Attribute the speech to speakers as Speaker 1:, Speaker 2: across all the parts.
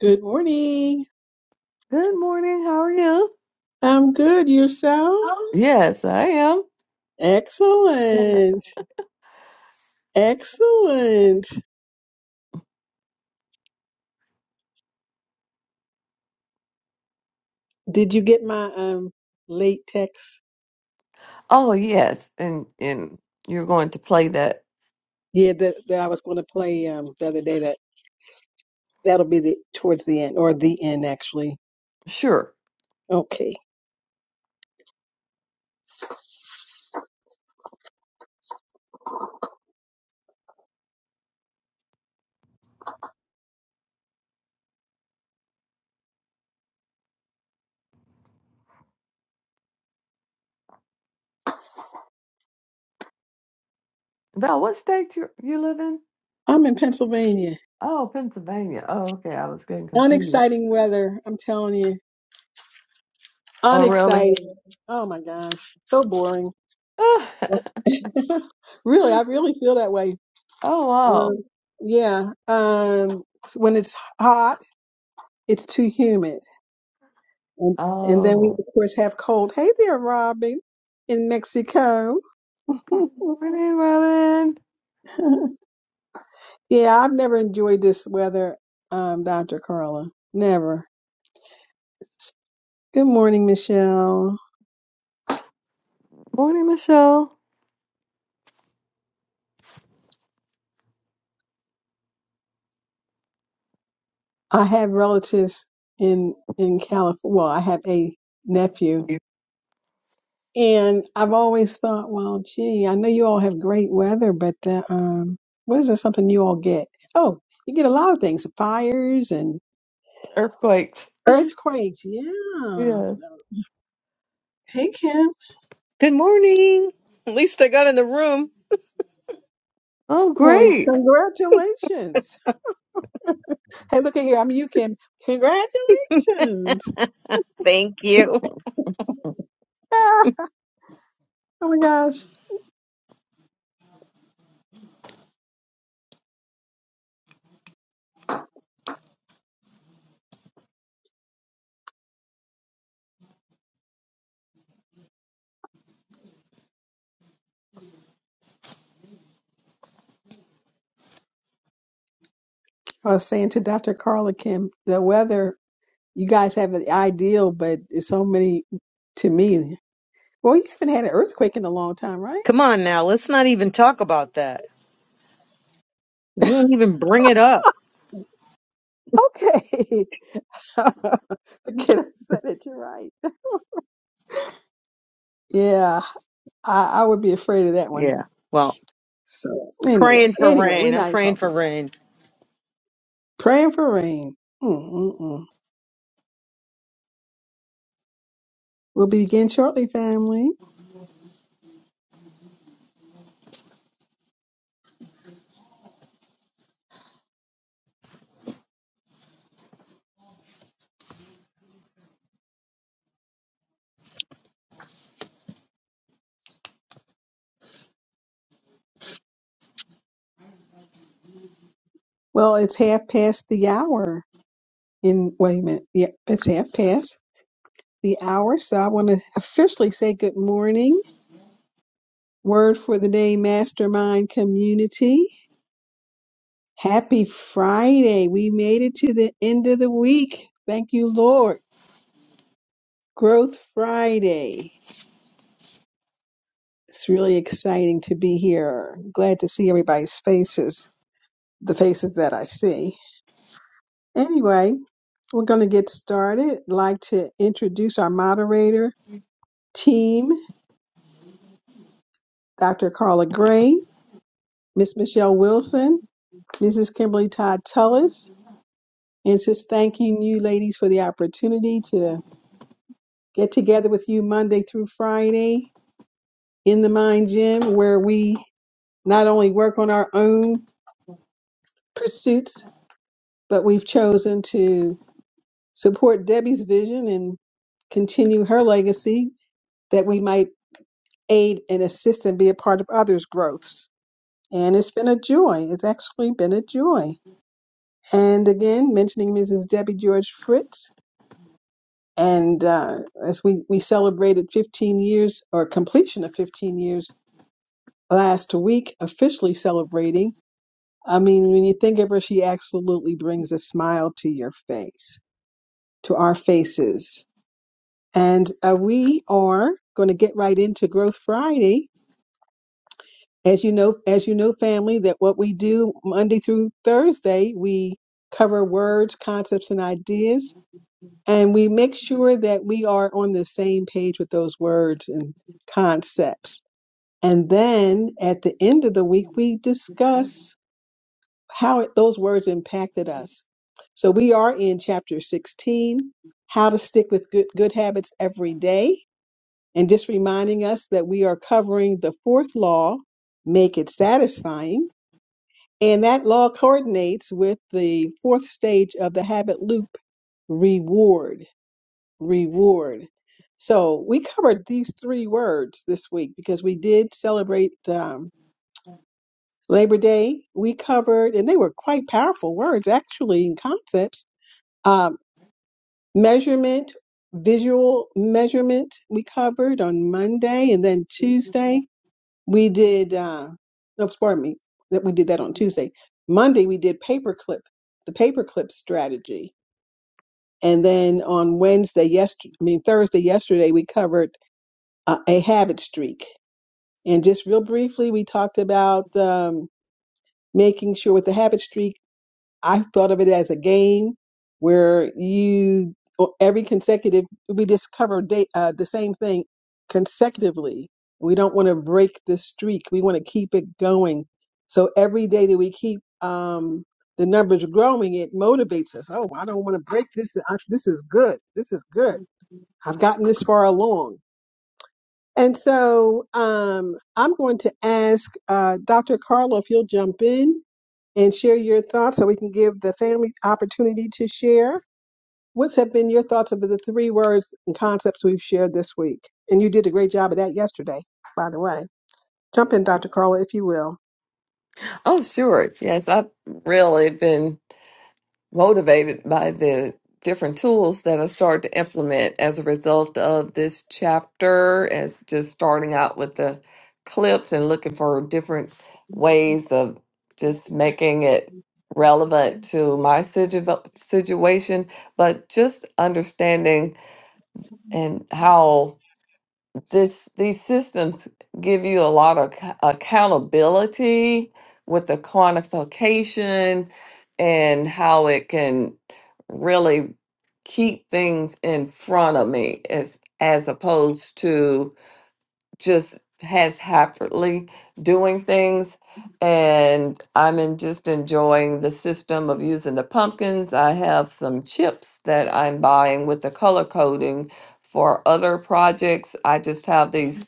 Speaker 1: Good morning.
Speaker 2: Good morning. How are you?
Speaker 1: I'm good. Yourself?
Speaker 2: Yes, I am.
Speaker 1: Excellent. Excellent. Did you get my um late text?
Speaker 2: Oh, yes. And and you're going to play that.
Speaker 1: Yeah, that, that I was going to play um the other day. That that'll be the towards the end or the end actually.
Speaker 2: Sure.
Speaker 1: Okay.
Speaker 2: Val, what state you you live in?
Speaker 1: I'm in Pennsylvania.
Speaker 2: Oh, Pennsylvania. Oh, okay. I was getting confused.
Speaker 1: Unexciting weather, I'm telling you.
Speaker 2: Oh, really?
Speaker 1: Unexciting. Oh my gosh. So boring.
Speaker 2: oh,
Speaker 1: really, I really feel that way.
Speaker 2: wow.
Speaker 1: Um, yeah. Um, when it's hot, it's too humid. And, and then we,
Speaker 2: Oh.
Speaker 1: of course, have cold. Hey there, Robin in Mexico.
Speaker 2: Morning, Robin.
Speaker 1: yeah, I've never enjoyed this weather, um, Dr. Carla. Never. Good morning, Michelle.
Speaker 2: Morning, Michelle.
Speaker 1: I have relatives in in California. Well, I have a nephew And I've always thought, well, gee, I know you all have great weather, but the um, what is it? Something you all get? Oh, you get a lot of things: fires and
Speaker 2: Earthquakes.
Speaker 1: earthquakes. Yeah.
Speaker 2: Yeah.
Speaker 1: Hey, Kim.
Speaker 3: Good morning. At least I got in the room.
Speaker 2: Oh,
Speaker 1: Well,
Speaker 2: great.
Speaker 1: congratulations. Hey, look at here. I'm you, Kim. Congratulations.
Speaker 3: Thank you.
Speaker 1: Ah, oh my gosh. I was saying to Dr. Carla Kim, the weather you guys have it ideal, but it's so many to me. Well, you haven't had an earthquake in a long time, right?
Speaker 3: Come on now. Let's not even talk about that. We won't even bring it up.
Speaker 1: Okay. Forget I said it. You're right. Yeah, I, I would be afraid of that one.
Speaker 3: Yeah. Well,
Speaker 1: So anyway,
Speaker 3: praying for
Speaker 1: anyway, we're
Speaker 3: rain. I'm
Speaker 1: not even
Speaker 3: praying
Speaker 1: talking
Speaker 3: for
Speaker 1: about
Speaker 3: rain.
Speaker 1: it. praying for rain. Mm-mm-mm. We'll begin shortly, family. Well, it's half past the hour. In wait a minute. Yep, it's half past the hour. So I want to officially say good morning. Word for the day, Mastermind Community. Happy Friday. We made it to the end of the week. Thank you, Lord. Growth Friday. It's really exciting to be here. Glad to see everybody's faces, the faces that I see. Anyway, we're going to get started. I'd like to introduce our moderator team, Dr. Carla Gray, Miss Michelle Wilson, Mrs. Kimberly Todd Tullis, and just thanking you ladies for the opportunity to get together with you Monday through Friday in the Mind Gym, where we not only work on our own pursuits, but we've chosen to support Debbie's vision and continue her legacy that we might aid and assist and be a part of others' growths. And it's been a joy. It's actually been a joy. And again, mentioning Mrs. Debbie George Fritz. And uh, as we, we celebrated 15 years or completion of 15 years last week, officially celebrating. I mean, when you think of her, she absolutely brings a smile to your face, to our faces And uh, we are going to get right into Growth Friday. As you know, as you know, family, that what we do Monday through Thursday, we cover words, concepts, and ideas, and we make sure that we are on the same page with those words and concepts. And then at the end of the week, we discuss how it- those words impacted us. So we are in chapter 16, how to stick with good, good habits every day And just reminding us that we are covering the fourth law, make it satisfying. And that law coordinates with the fourth stage of the habit loop, reward, reward. So we covered these three words this week because we did celebrate um, Labor Day. We covered, and they were quite powerful words actually and concepts. Um, measurement, visual measurement, we covered on Monday and then Tuesday We did, uh, no, pardon me, that we did that on Tuesday. Monday, we did paperclip, the paperclip strategy. And then on Wednesday, yesterday, I mean, Thursday, yesterday, we covered uh, a habit streak. And just real briefly, we talked about um, making sure with the habit streak. I thought of it as a game where you or every consecutive we discover day, uh, the same thing consecutively. We don't want to break the streak. We want to keep it going. So every day that we keep um, the numbers growing, it motivates us. Oh, I don't want to break this. I, this is good. This is good. I've gotten this far along. And so um, I'm going to ask uh, Dr. Carla if you'll jump in and share your thoughts so we can give the family opportunity to share. What's have been your thoughts of the three words and concepts we've shared this week? And you did a great job of that yesterday, by the way. Jump in, Dr. Carla, if you will.
Speaker 2: Oh, sure. Yes, I've really been. motivated by the different tools that I started to implement as a result of this chapter, as just starting out with the clips and looking for different ways of just making it relevant to my situ- situation, but just understanding and how this these systems give you a lot of ac- accountability with the quantification and how it can really keep things in front of me as as opposed to just haphazardly doing things and i'm in just enjoying the system of using the pumpkins i have some chips that i'm buying with the color coding for other projects i just have these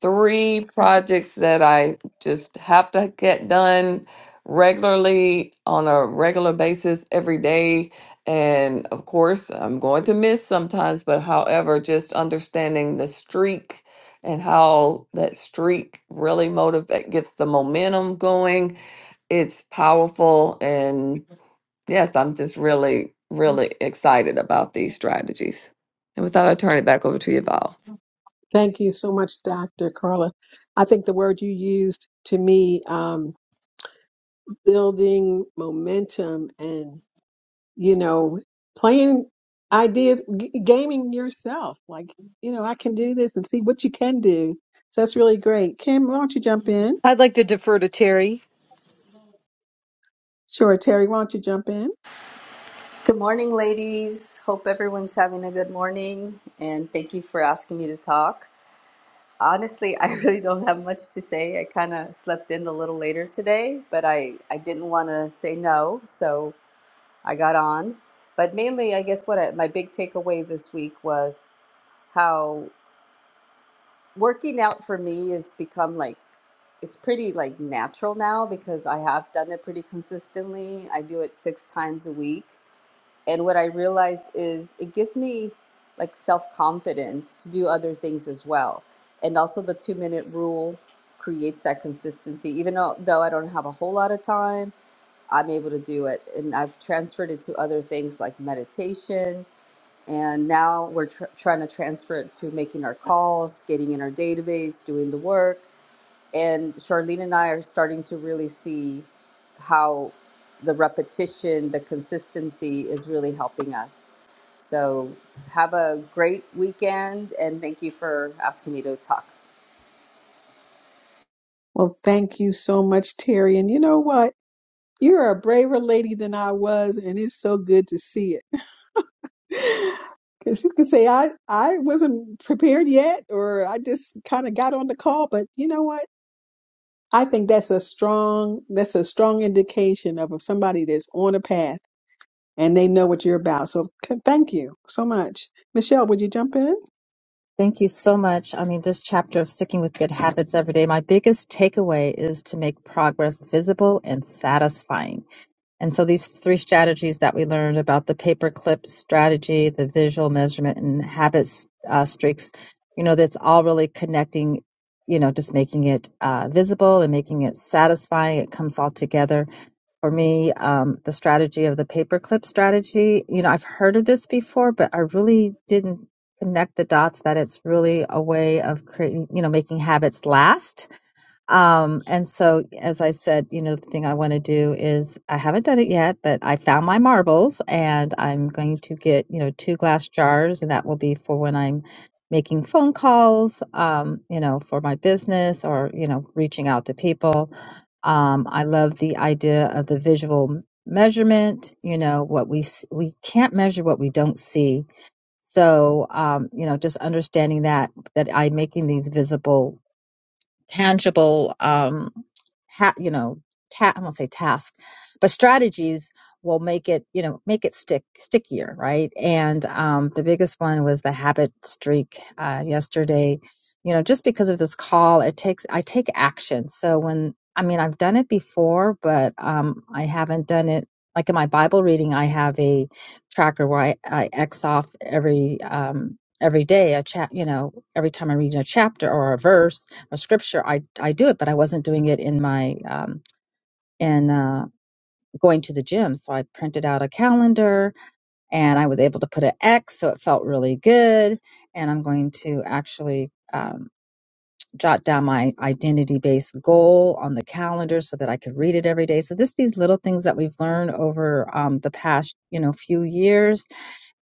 Speaker 2: three projects that i just have to get done regularly on a regular basis every day and of course i'm going to miss sometimes but however just understanding the streak and how that streak really motivate gets the momentum going. It's powerful and yes, I'm just really, really excited about these strategies. And with that, I turn it back over to you, Val.
Speaker 1: Thank you so much, Dr. Carla. I think the word you used to me, um, building momentum and you know, playing ideas, g- gaming yourself. Like, you know, I can do this and see what you can do. So that's really great. Kim, why don't you jump in?
Speaker 3: I'd like to defer to Terry.
Speaker 1: Sure, Terry, why don't you jump in?
Speaker 4: Good morning, ladies. Hope everyone's having a good morning, and thank you for asking me to talk. Honestly, I really don't have much to say. I kind of slept in a little later today, but I, I didn't want to say no, so I got on. But mainly, I guess what I, my big takeaway this week was how working out for me has become like it's pretty like natural now because I have done it pretty consistently. I do it six times a week and what I realized is it gives me like self confidence to do other things as well. And also, the two minute rule creates that consistency. Even though, though I don't have a whole lot of time, I'm able to do it. And I've transferred it to other things like meditation. And now we're tr- trying to transfer it to making our calls, getting in our database, doing the work and Charlene and I are starting to really see how the repetition, the consistency is really helping us. So have a great weekend and thank you for asking me to talk.
Speaker 1: Well, thank you so much, Terry. And you know what? You're a braver lady than I was, and it's so good to see it. Because you could say I I wasn't prepared yet, or I just kind of got on the call. But you know what? I think that's a strong that's a strong indication of somebody that's on a path and they know what you're about. So c- thank you so much, Michelle. Would you jump in?
Speaker 5: Thank you so much. I mean, this chapter of sticking with good habits every day, my biggest takeaway is to make progress visible and satisfying. And so these three strategies that we learned about the paperclip strategy, the visual measurement and habit uh, streaks, you know, that's all really connecting, you know, just making it uh, visible and making it satisfying. It comes all together for me, um, the strategy of the paperclip strategy. You know, I've heard of this before, but I really didn't connect the dots that it's really a way of creating, you know, making habits last. Um, and so, as I said, you know, the thing I want to do is I haven't done it yet, but I found my marbles and I'm going to get, you know, two glass jars, and that will be for when I'm making phone calls, um, you know, for my business or, you know, reaching out to people um, I love the idea of the visual m- measurement. You know, what we s- we can't measure what we don't see. So, um, you know, just understanding that that I making these visible tangible um ha- you know ta- i won't say task but strategies will make it you know make it stick stickier right and um the biggest one was the habit streak uh yesterday you know just because of this call it takes i take action so when i mean i've done it before but um i haven't done it like in my bible reading i have a tracker where i, I x off every um every day a chat you know every time i read a chapter or a verse or scripture, I I do it, but I wasn't doing it in my um, in uh, going to the gym. So I printed out a calendar, and I was able to put an X, so it felt really good. And I'm going to actually um, jot down my identity based goal on the calendar so that I could read it every day. So this these little things that we've learned over um, the past you know few years,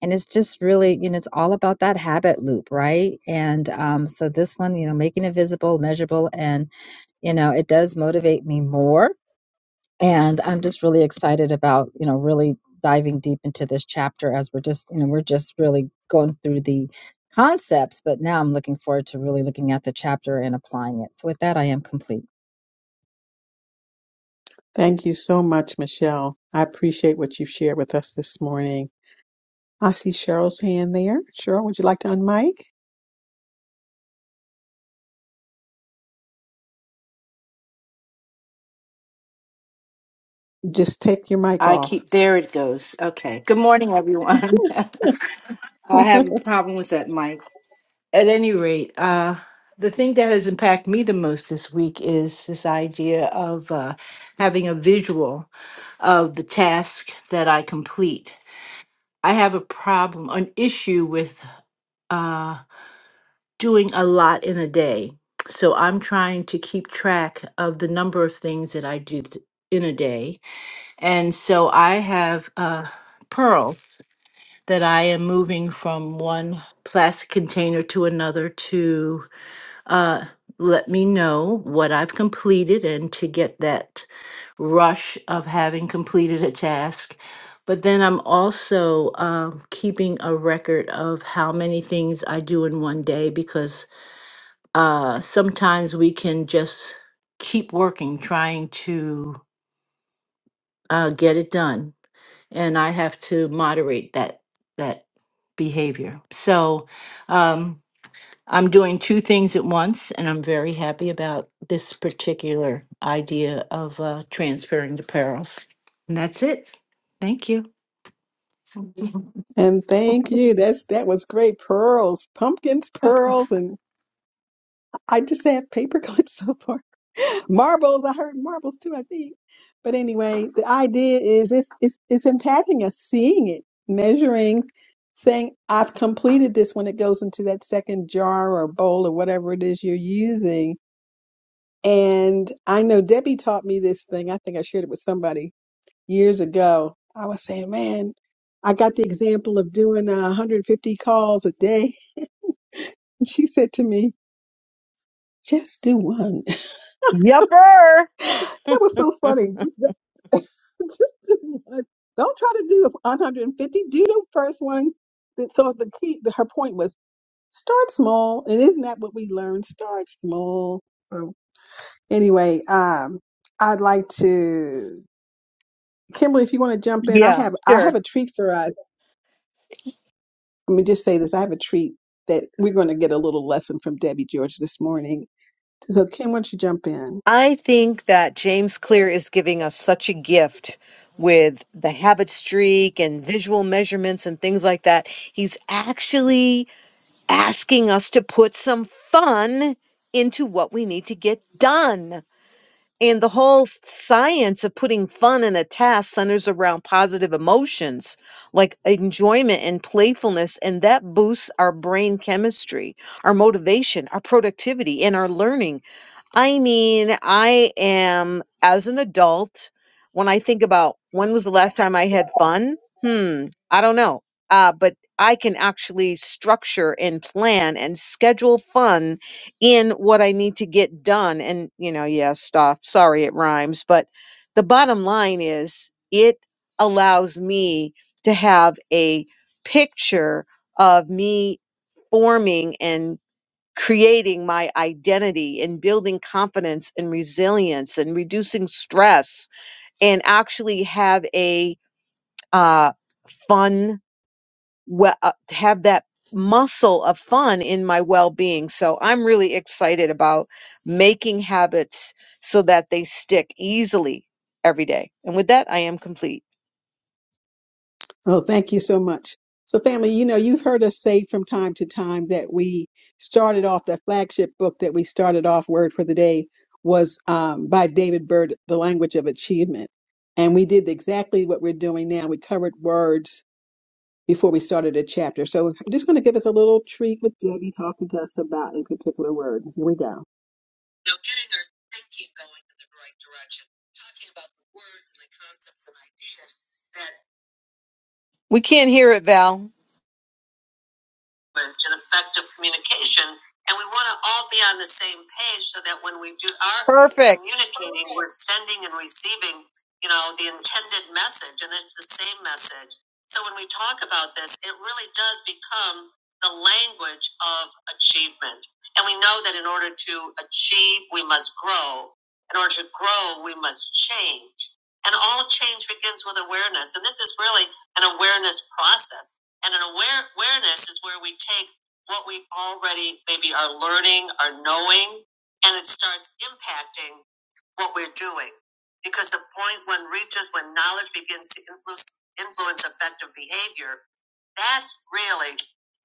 Speaker 5: and it's just really you know it's all about that habit loop, right? And um, so this one, you know, making it visible, measurable, and you know it does motivate me more and i'm just really excited about you know really diving deep into this chapter as we're just you know we're just really going through the concepts but now i'm looking forward to really looking at the chapter and applying it so with that i am complete
Speaker 1: Thank you so much, Michelle. I appreciate what you've shared with us this morning. I see Cheryl's hand there. Cheryl, would you like to unmic? Just take your mic
Speaker 6: I
Speaker 1: off.
Speaker 6: keep, there it goes. Okay. Good morning, everyone. I have a problem with that mic. At any rate, uh, the thing that has impacted me the most this week is this idea of uh, having a visual of the task that I complete. I have a problem, an issue with uh, doing a lot in a day. So I'm trying to keep track of the number of things that I do th- in a day. And so I have uh, Pearl. that I am moving from one plastic container to another to uh, let me know what I've completed and to get that rush of having completed a task. But then I'm also um, keeping a record of how many things I do in one day because uh, sometimes we can just keep working, trying to uh, get it done and I have to moderate that that behavior. So um, I'm doing two things at once, and I'm very happy about this particular idea of uh, transferring the perils. And that's it. Thank you.
Speaker 1: And thank you. That's that was great. Pearls, pumpkins, pearls, and I just have paper clips so far. Marbles, I heard marbles too, I think. But anyway, the idea is it's it's it's impacting us, seeing it, measuring, saying, I've completed this when it goes into that second jar or bowl or whatever it is you're using. And I know Debbie taught me this thing. I think I shared it with somebody years ago. I was saying, man, I got the example of doing uh, 150 calls a day. And she said to me, just do one.
Speaker 3: Yupper.
Speaker 1: that was so funny. Just just do one. Don't try to do 150. Do the first one. That- So the key, the, her point was start small. And isn't that what we learned? Start small. So anyway, um, I'd like to, Kimberly, if you want to jump in, I
Speaker 3: Yeah,
Speaker 1: have, I have
Speaker 3: sure.
Speaker 1: a treat for us Let me just say this. I have a treat that we're going to get a little lesson from Debbie George this morning. So, Kim, why don't you jump in?
Speaker 3: I think that James Clear is giving us such a gift with the habit streak and visual measurements and things like that. He's actually asking us to put some fun into what we need to get done. And the whole science of putting fun in a task centers around positive emotions like enjoyment and playfulness, and that boosts our brain chemistry, our motivation, our productivity, and our learning. I mean, I am as an adult, when I think about when was the last time I had fun? Hmm, I don't know. Uh, but I can actually structure and plan and schedule fun in what I need to get done. And, you know, yeah, stuff. Sorry, it rhymes. But the bottom line is it allows me to have a picture of me forming and creating my identity and building confidence and resilience and reducing stress and actually have a uh, fun we- uh, have that muscle of fun in my well-being so i'm really excited about making habits so that they stick easily every day and with that i am complete
Speaker 1: Oh, thank you so much. So, family, you know, you've heard us say from time to time that we started off that flagship book that we started off Word for the Day was um, by David Byrd, The Language of Achievement. And we did exactly what we're doing now. We covered words before we started a chapter. So, I'm just going to give us a little treat with Debbie talking to us about a particular word. Here we go. Now, getting our thinking going in the right direction, talking about the words and the concepts and ideas.
Speaker 3: we can't hear it val
Speaker 1: language and effective communication. And we want to all be on the same page so that when we do our
Speaker 3: perfect
Speaker 1: communicating, we're sending and receiving, you know, the intended message, and it's the same message. So when we talk about this, it really does become the language of achievement. And we know that in order to achieve, we must grow. In order to grow, we must change. And all change begins with awareness. And this is really an awareness process and an aware, awareness is where we take what we already maybe are learning are knowing, and it starts impacting what we're doing. Because the point when reaches when knowledge begins to influence, influence effective behavior, that's really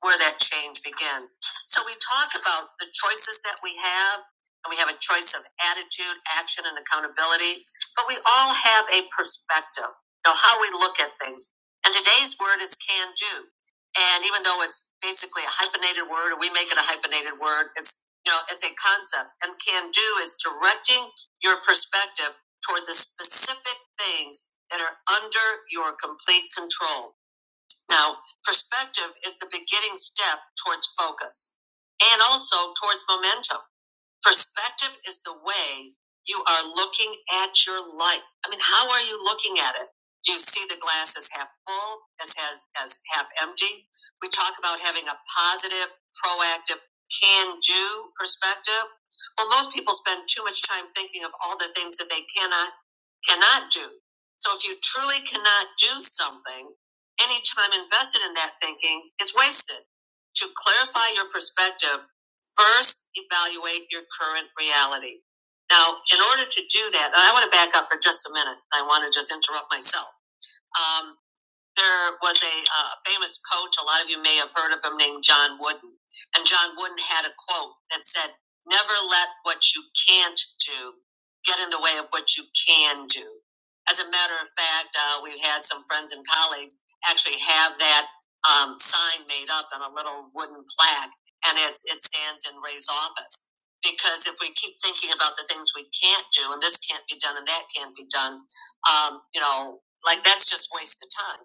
Speaker 1: where that change begins. So we talk about the choices that we have, and we have a choice of attitude, action, and accountability, but we all have a perspective. Now, how we look at things, and today's word is can do. And even though it's basically a hyphenated word, or we make it a hyphenated word, it's you know, it's a concept. And can do is directing your perspective toward the specific things that are under your complete control. Now, perspective is the beginning step towards focus and also towards momentum. Perspective is the way you are looking at your life. I mean, how are you looking at it? Do you see the glass as half full, as half, as half empty? We talk about having a positive, proactive, can do perspective. Well, most people spend too much time thinking of all the things that they cannot, cannot do. So if you truly cannot do something, any time invested in that thinking is wasted. To clarify your perspective, First, evaluate your current reality. Now, in order to do that, and I want to back up for just a minute. I want to just interrupt myself. Um, there was a, uh, famous coach, a lot of you may have heard of him, named John Wooden. And John Wooden had a quote that said, Never let what you can't do get in the way of what you can do. As a matter of fact, uh, we've had some friends and colleagues actually have that um, sign made up on a little wooden plaque, and it's, it stands in Ray's office. Because if we keep thinking about the things we can't do, and this can't be done, and that can't be done, um, you know, like that's just a waste of time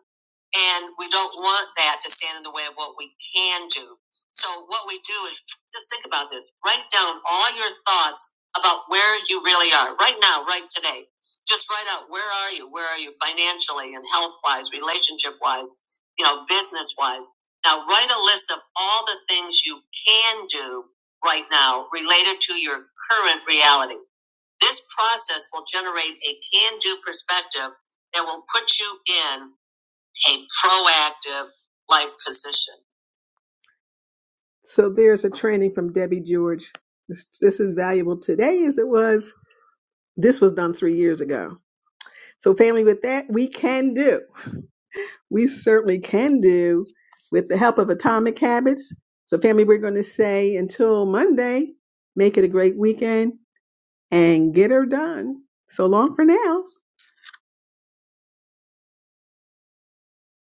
Speaker 1: and we don't want that to stand in the way of what we can do. So what we do is just think about this. Write down all your thoughts about where you really are right now, right today. Just write out where are you? Where are you financially and health wise, relationship wise, you know, business wise. Now write a list of all the things you can do right now related to your current reality. This process will generate a can do perspective that will put you in a proactive life physician. So there's a training from Debbie George. This, this is valuable today as it was. This was done three years ago. So, family, with that, we can do. We certainly can do with the help of Atomic Habits. So, family, we're going to say until Monday, make it a great weekend and get her done. So long for now.